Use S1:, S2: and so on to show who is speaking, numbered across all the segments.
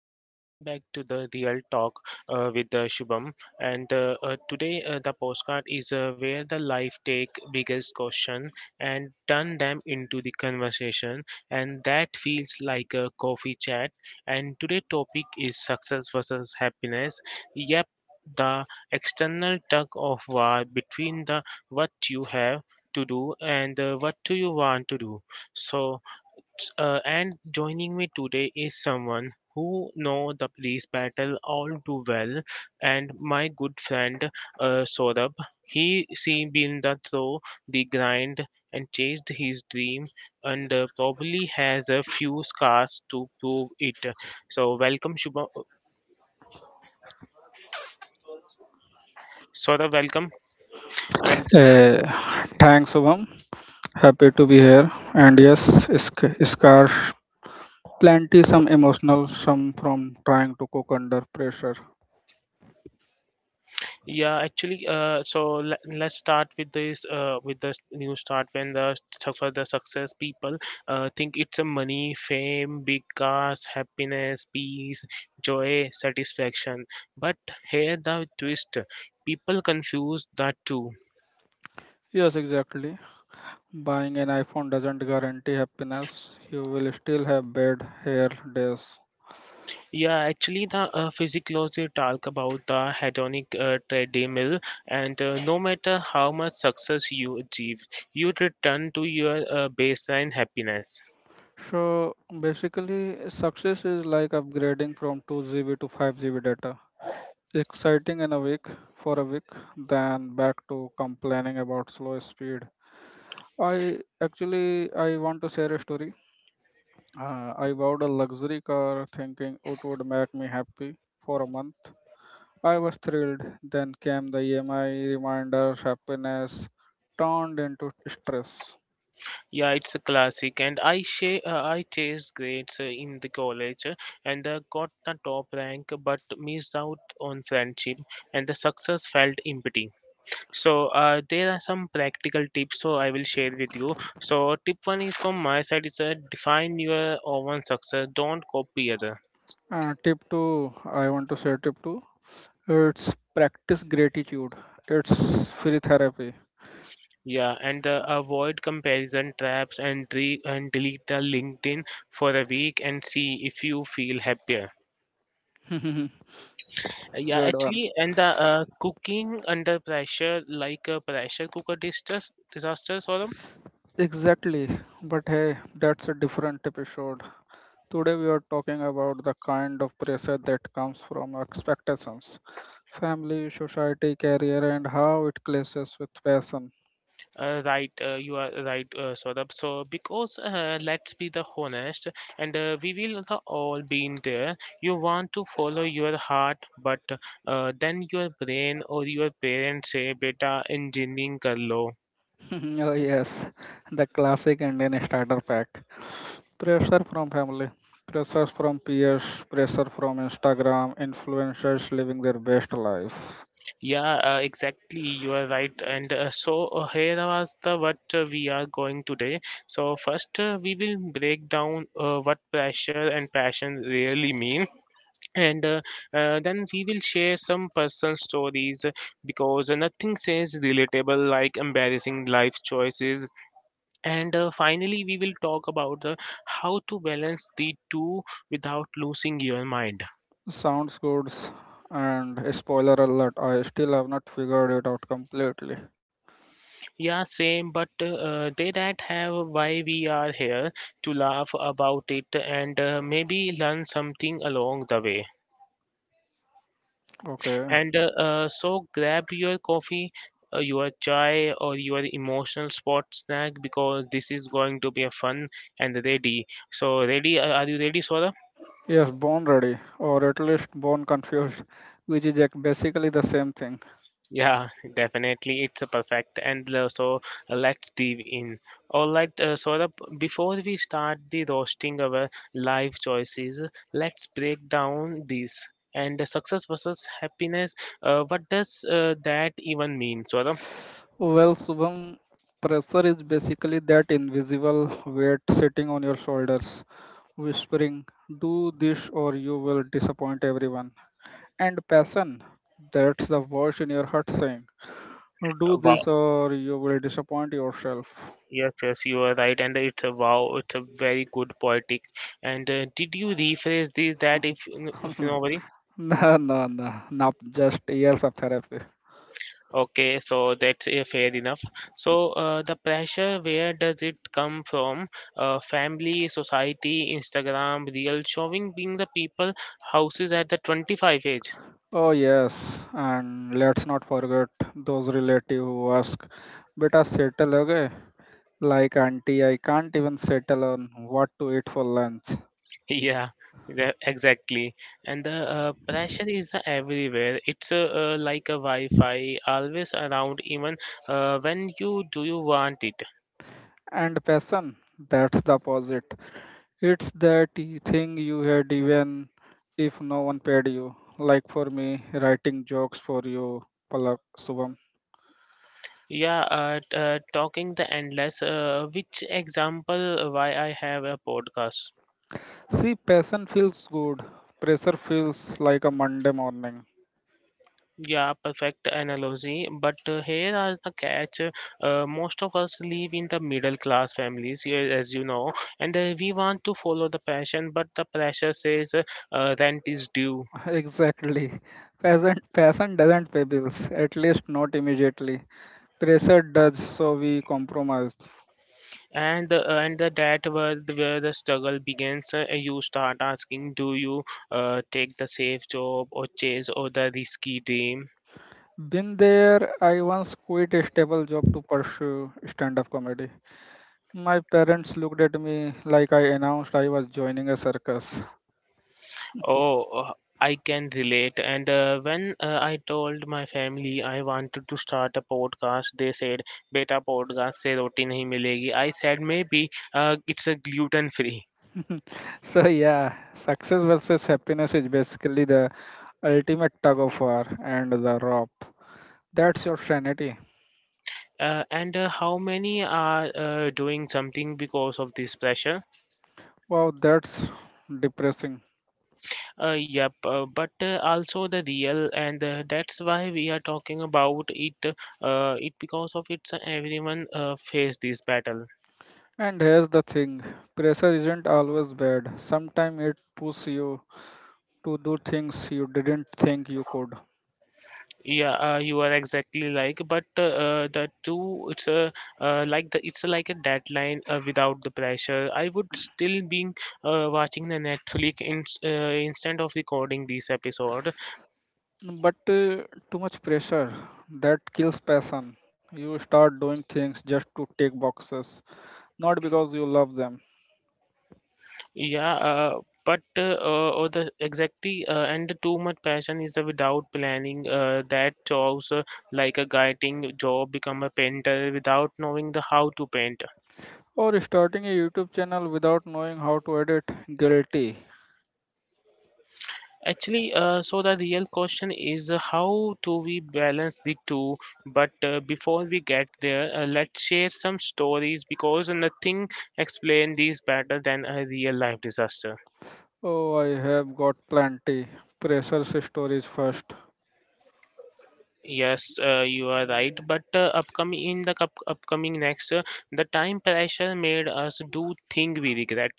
S1: uh, welcome back to the Real Talk with Shubham. And today the postcard is where the life take biggest question and turn them into the conversation, and that feels like a coffee chat. And today topic is success versus happiness. Yep, the external tug of war between the what you have to do and what do you want to do. So and joining me today is someone who know the police battle all too well, and my good friend Saurabh. He seen been the through the grind and chased his dream, and probably has a few scars to prove it. So welcome, Shubham. Saurabh, welcome, and
S2: Uh, Thanks, Shubham. Happy to be here. And yes, scars plenty, some emotional, some from trying to cook under pressure.
S1: yeah, actually, so let's start with this with the new start when the for the success people think it's a money, fame, big cars, happiness, peace, joy, satisfaction. But here the twist: people confuse that too.
S2: Yes, exactly. Buying an iPhone doesn't guarantee happiness. You will still have bad hair days.
S1: Yeah, actually, the physiology talk about the hedonic treadmill, and no matter how much success you achieve, you return to your baseline happiness.
S2: So basically, success is like upgrading from 2GB to 5GB data. Exciting and awake for a week, then back to complaining about slow speed. I actually I want to share a story. I bought a luxury car thinking it would make me happy. For a month I was thrilled, then came the emi reminders. Happiness turned into stress.
S1: Yeah, it's a classic, and I chased grades in the college, and got the top rank, but missed out on friendship, and the success felt empty. So there are some practical tips, so I will share with you. So tip one is from my side is define your own success. Don't copy other.
S2: Tip 2, I want to say tip 2, it's practice gratitude. It's free therapy.
S1: Yeah, and avoid comparison traps and delete the LinkedIn for a week and see if you feel happier. Yeah,
S2: Good one.
S1: actually, and the cooking under pressure, like a pressure cooker disasters, disasters, Saurabh.
S2: Exactly, but hey, that's a different episode. Today we are talking about the kind of pressure that comes from expectations, family, society, career, and how it clashes with passion.
S1: Right, you are right, Saurabh. So, because let's be the honest, and we will the all been there. You want to follow your heart, but then your brain or your parents say, "Beta, engineering kar lo."
S2: Oh, yes, the classic Indian starter pack, pressure from family, pressure from peers, pressure from Instagram, influencers living their best life.
S1: Yeah, exactly. You are right. And so here was the what we are going today. So first, we will break down what pressure and passion really mean, and then we will share some personal stories because nothing says relatable like embarrassing life choices. And finally, we will talk about how to balance the two without losing your mind.
S2: Sounds good, and spoiler alert, I still have not figured it out completely.
S1: Yeah, same, but they that have why we are here to laugh about it and maybe learn something along the way.
S2: Okay.
S1: And so grab your coffee, your chai, or your emotional spot snack because this is going to be a fun and ready. So ready? Are you ready, Sora?
S2: Yes, born ready, or at least born confused, which is basically the same thing.
S1: Yeah, definitely. It's a perfect. And so let's dive in. All right, Saurabh, before we start the roasting our life choices, let's break down this. And success versus happiness, what does that even mean, Saurabh?
S2: Well, Subham, pressure is basically that invisible weight sitting on your shoulders, whispering, do this or you will disappoint everyone. And passion, that's the voice in your heart saying, do
S1: Wow.
S2: this or you will disappoint yourself.
S1: Yes, yes, you are right. And it's a wow, it's a very good poetic. And did you rephrase this, that, if you know.
S2: No, not just years of therapy.
S1: Okay, so that's fair enough. So, the pressure, where does it come from? Family, society, Instagram, real showing being the people houses at the 25 age.
S2: Oh, yes, and let's not forget those relatives who ask, Beta, settle, okay? Like, auntie, I can't even settle on what to eat for lunch.
S1: Yeah, yeah, exactly. And the pressure is everywhere. It's like a Wi-Fi, always around, even when you do you want it.
S2: And passion, that's the opposite. It's that thing you had even if no one paid you. Like for me, writing jokes for you, Palak Subham.
S1: Yeah, talking the endless. Which example why I have a podcast?
S2: See, passion feels good, pressure feels like a Monday morning.
S1: Yeah, perfect analogy. But here are the catch. Most of us live in the middle class families, yeah, as you know, and we want to follow the passion, but the pressure says rent is due.
S2: Exactly. Fashion doesn't pay bills, at least not immediately. Pressure does, so we compromise.
S1: And the that where the struggle begins. You start asking, do you take the safe job or chase or the risky dream?
S2: Been there, I once quit a stable job to pursue stand up comedy. My parents looked at me like I announced I was joining a circus.
S1: Oh, I can relate. And when I told my family I wanted to start a podcast, they said, "Beta podcast se roti nahi milegi." I said, "Maybe it's a gluten free."
S2: So, yeah, success versus happiness is basically the ultimate tug of war, and the rope, that's your sanity.
S1: And how many are doing something because of this pressure?
S2: Wow, that's depressing.
S1: Yep, but also the real, and that's why we are talking about it. It because of it's everyone face this battle.
S2: And here's the thing, pressure isn't always bad. Sometimes it pushes you to do things you didn't think you could.
S1: Yeah, you are exactly like, but the two, it's a like the it's like a deadline without the pressure. I would still being watching the Netflix in, instead of recording this episode.
S2: But too much pressure, that kills passion. You start doing things just to tick boxes, not because you love them.
S1: Yeah, but or the exactly and the too much passion is the without planning. That jobs like a guiding job become a painter without knowing the how to paint.
S2: Or starting a YouTube channel without knowing how to edit, guilty.
S1: Actually, so the real question is how do we balance the two? But before we get there, let's share some stories because nothing explains these better than a real life disaster.
S2: Oh, I have got plenty. Pressure stories first.
S1: Yes, you are right. But upcoming in the cup, upcoming next, the time pressure made us do thing we regret.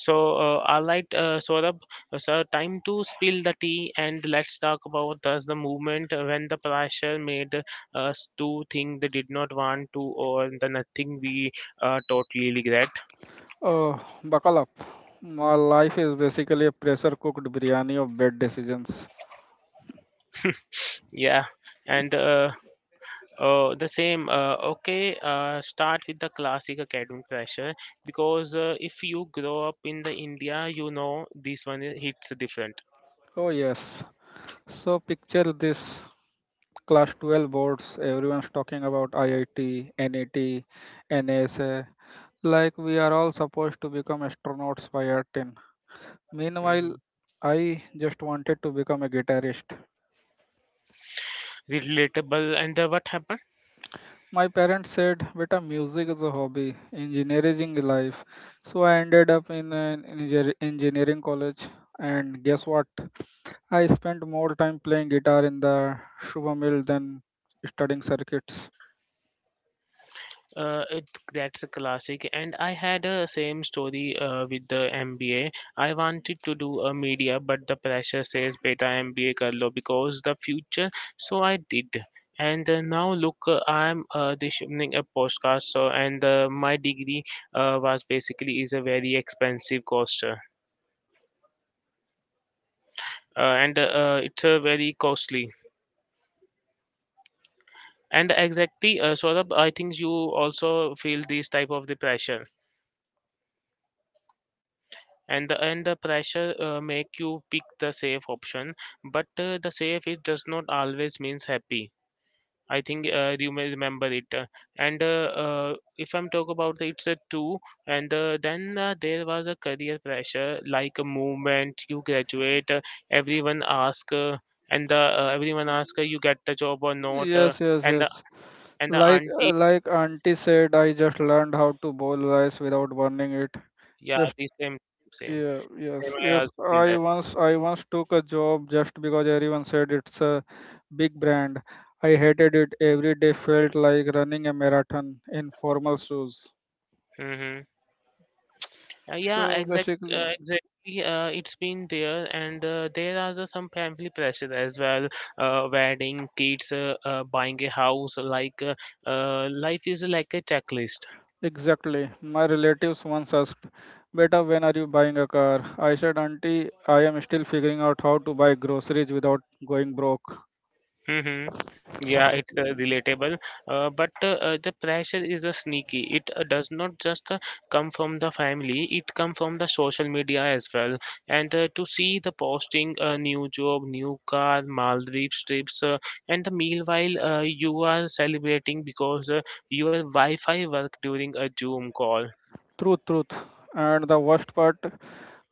S1: So, all right, Saurabh, so time to spill the tea and let's talk about thus the movement when the pressure made us do thing they did not want to or the nothing we totally regret.
S2: Oh, buckle up. My life is basically a pressure cooked biryani of bad decisions.
S1: Yeah, and the same. Okay, start with the classic academic pressure because if you grow up in the India, you know this one hits different.
S2: Oh, yes. So, picture this, class 12 boards, everyone's talking about IIT, NET, NASA, like we are all supposed to become astronauts by our 10. Meanwhile,
S1: Mhm.
S2: I just wanted to become a guitarist.
S1: Relatable. And what happened?
S2: My parents said, Beta, music is a hobby, engineering is life. So I ended up in an engineering college. And guess what? I spent more time playing guitar in the sugar mill than studying circuits.
S1: It that's a classic, and I had a same story with the MBA. I wanted to do a media, but the pressure says beta MBA karlo because the future. So I did, and now look, I'm issuing a postcard. So and my degree was basically is a very expensive cost, and it's a very costly. And exactly, Saurabh, I think you also feel this type of the pressure. And the pressure make you pick the safe option, but the safe it does not always means happy. I think you may remember it. And If I'm talk about the, it's a two, and then there was a career pressure like a movement you graduate. Everyone ask uh, Everyone ask you get the job or not. uh,
S2: Yes, yes,
S1: and the
S2: yes.
S1: and the
S2: Like
S1: auntie.
S2: like auntie said, I just learned how to boil rice without burning it.
S1: yeah
S2: Just.
S1: the same same
S2: Yeah,
S1: same
S2: yes,
S1: I
S2: yes.
S1: also feel that.
S2: I once took a job just because everyone said it's a big brand. I hated it. Every day felt like running a marathon in formal shoes.
S1: Hmm. Yeah,
S2: So basically,
S1: exactly. It's been there, and there are the, some family pressure as well. Wedding, kids, buying a house. Like life is like a checklist.
S2: exactly. My relatives once asked, "Beta, when are you buying a car?" I said, "Auntie, I am still figuring out how to buy groceries without going broke."
S1: Mm-hmm. Yeah, it's relatable. But The pressure is a sneaky. It does not just come from the family. It come from the social media as well. And to see the posting, new job, new car, Maldives trips, and the meanwhile you are celebrating because your Wi-Fi work during a Zoom call.
S2: Truth. And the worst part,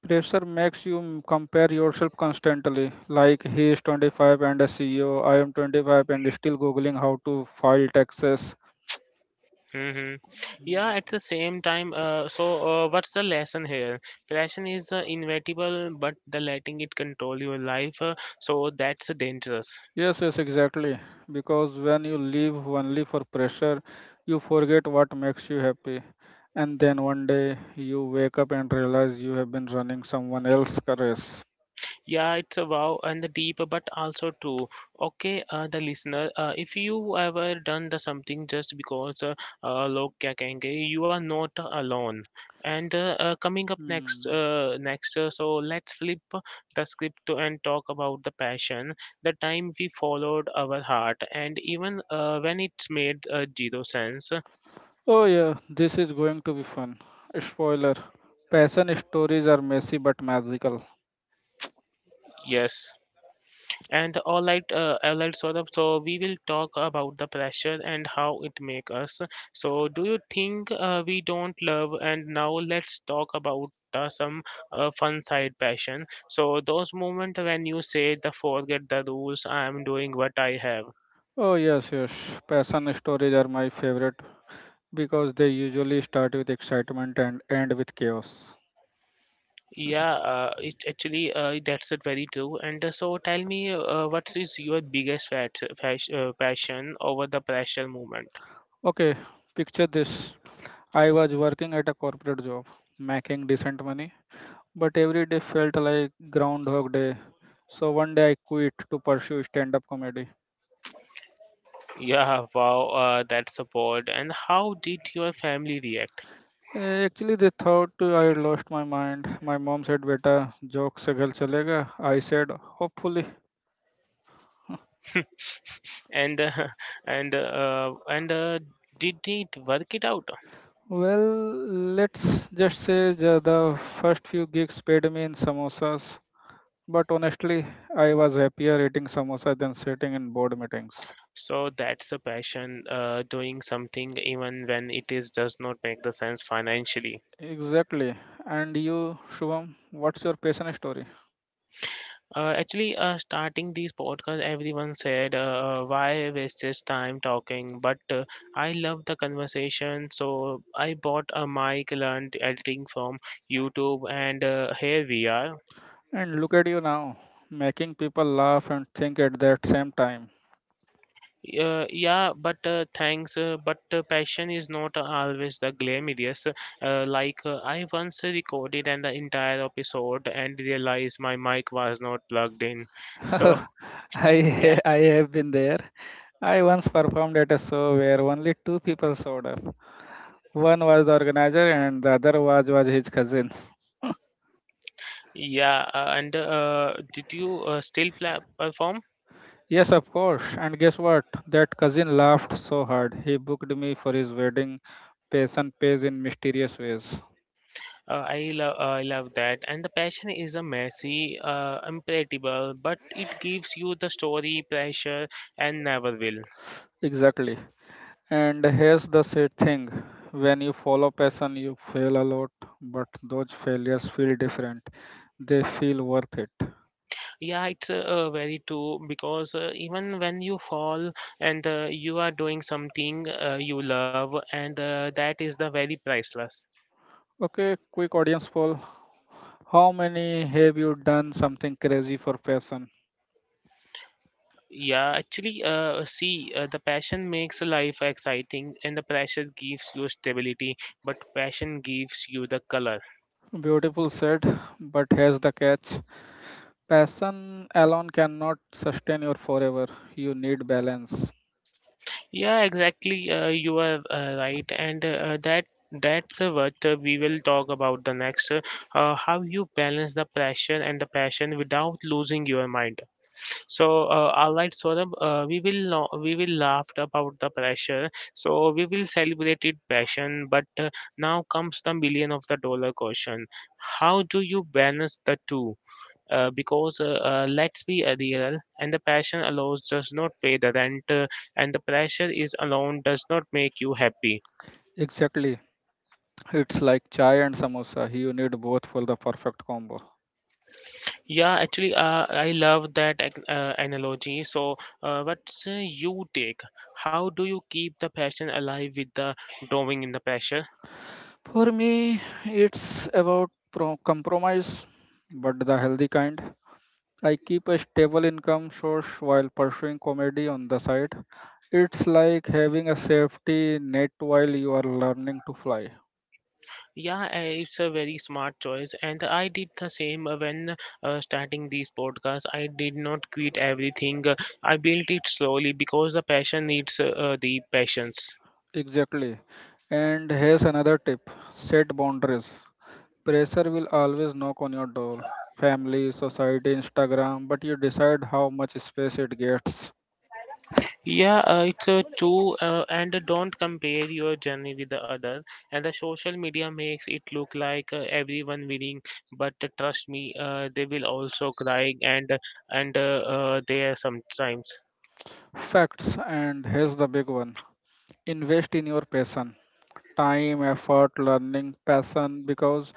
S2: pressure makes you compare yourself constantly. Like he is 25 and a CEO, I am 25 and still googling how to file taxes.
S1: Hmm. Yeah, at the same time, so what's the lesson here? Passion is inevitable, but the letting it control your life, so that's dangerous.
S2: Yes, yes, exactly. Because when you live only for pressure, you forget what makes you happy. And then one day you wake up and realize you have been running someone else's race.
S1: Yeah, it's a wow and the deep, but also true. Okay, the listener, if you ever done the something just because log क्या कहेंगे, you are not alone. And coming up next,
S2: Hmm.
S1: so let's flip the script and talk about the passion, the time we followed our heart, and even when it's made zero sense.
S2: Oh, yeah, this is going to be fun. Spoiler, passion stories are messy but magical.
S1: Yes. And all right, Saurabh. So we will talk about the pressure and how it make us. So do you think we don't love? And now let's talk about some fun side passion. So those moments when you say the forget the rules, I am doing what I have.
S2: Oh, yes, yes, passion stories are my favorite because they usually start with excitement and end with chaos.
S1: Yeah, it actually that's it very true. And so tell me, what is your biggest passion over the pressure moment?
S2: Okay, picture this, I was working at a corporate job, making decent money, but every day felt like Groundhog Day. So one day I quit to pursue stand up comedy.
S1: Yeah, wow, that support. And how did your family react?
S2: Actually, they thought I had lost my mind. My mom said, Beta, joke se ghar chalega. I said, hopefully.
S1: And and did it work it out?
S2: Well, let's just say the first few gigs paid me in samosas. But honestly, I was happier eating samosa than sitting in board meetings.
S1: So that's a passion, doing something even when it is does not make the sense financially.
S2: Exactly. And you, Shubham, what's your passion story?
S1: Actually, starting these podcasts, everyone said, "Why waste this time talking?" But I love the conversation, so I bought a mic, learned editing from YouTube, and here we are.
S2: And look at you now, making people laugh and think at that same time.
S1: Yeah, but thanks. But Passion is not always the glamorous. I once recorded an entire episode and realized my mic was not plugged in. So yeah,
S2: I have been there. I once performed at a show where only two people showed up. One was the organizer and the other was his cousin.
S1: yeah. And did you still pla perform?
S2: Yes, of course. And guess what? That cousin laughed so hard. He booked me for his wedding. Passion pays in mysterious ways.
S1: I love that. And the passion is a messy, unpredictable, but it gives you the story pressure and never will.
S2: Exactly. And here's the sad thing. When you follow passion, you fail a lot, but those failures feel different. They feel worth it.
S1: Yeah, it's very true because even when you fall and you are doing something you love, and that is the very priceless.
S2: Okay, quick audience poll. How many have you done something crazy for passion?
S1: Yeah, actually, see, the passion makes life exciting, and the pressure gives you stability, but passion gives you the color.
S2: Beautiful said, but here's the catch. Passion alone cannot sustain you forever. You need balance.
S1: Yeah, exactly. You are right, and that's what we will talk about the next. How you balance the pressure and the passion without losing your mind. So, all right, Saurabh, we will know, we will laugh about the pressure. So we will celebrate it passion. But Now comes the million of the dollar question: how do you balance the two? Because let's be real, and the passion alone does not pay the rent, and the pressure is alone does not make you happy.
S2: Exactly. It's like chai and samosa. You need both for the perfect combo.
S1: Yeah, actually, I love that analogy. So, what's you take? How do you keep the passion alive with the drawing in the pressure?
S2: For me, it's about compromise, but the healthy kind. I keep a stable income source while pursuing comedy on the side. It's like having a safety net while you are learning to fly.
S1: Yeah, it's a very smart choice, and I did the same when starting these podcasts. I did not quit everything. I built it slowly because the passion needs the patience.
S2: Exactly. And here's another tip, set boundaries. Pressure will always knock on your door, family, society, Instagram, but you decide how much space it gets.
S1: Yeah, it's true, and don't compare your journey with the other. And the social media makes it look like everyone winning, but trust me, they will also cry and there sometimes.
S2: Facts, and here's the big one, invest in your passion, time, effort, learning, passion, because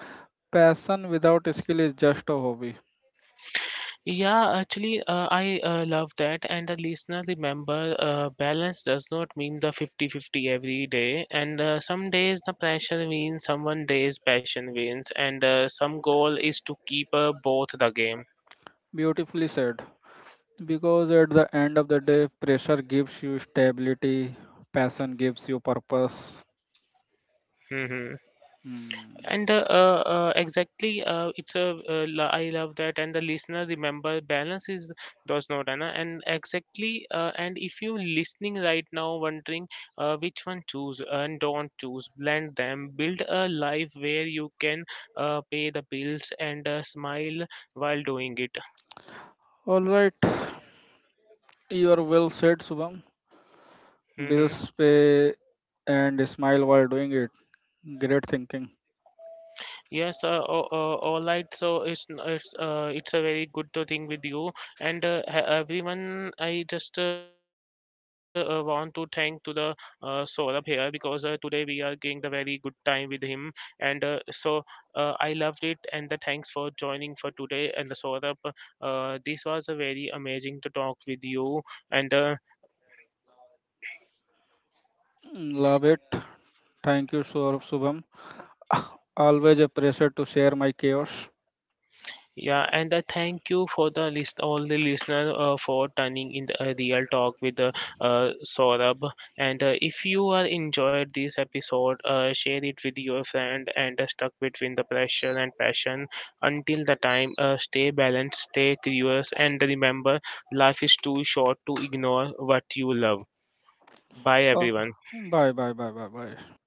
S2: passion without skill is just a hobby.
S1: Yeah, actually, I love that. And the listener, remember, balance does not mean the fifty-fifty day. And some days the pressure wins, someone days passion wins, and some goal is to keep both the game.
S2: Beautifully said. Because at the end of the day, pressure gives you stability, passion gives you purpose. Hmm.
S1: And exactly, it's a I love that, and the listener remember balance is does not, Anna. And exactly, and if you listening right now, wondering which one choose and don't choose, blend them, build a life where you can pay the bills and smile while doing it.
S2: All right, you are well said, Subham. Bills pay and smile while doing it. Great thinking.
S1: Yes, all right. So it's a very good to thing with you and everyone. I just want to thank to the Saurabh here because today we are getting the very good time with him and so I loved it and the thanks for joining for today and the Saurabh. This was a very amazing to talk with you and.
S2: Mm, love it. Thank you, Subham. Always a pleasure to share my chaos.
S1: Yeah, and I thank you for the list, all the listener for turning in the real talk with the Saurabh. And if you are enjoyed this episode, share it with your friend and stuck between the pressure and passion. Until the time, stay balanced, stay curious, and remember, life is too short to ignore what you love. Bye,
S2: Oh,
S1: everyone.
S2: bye, bye, bye, bye, bye.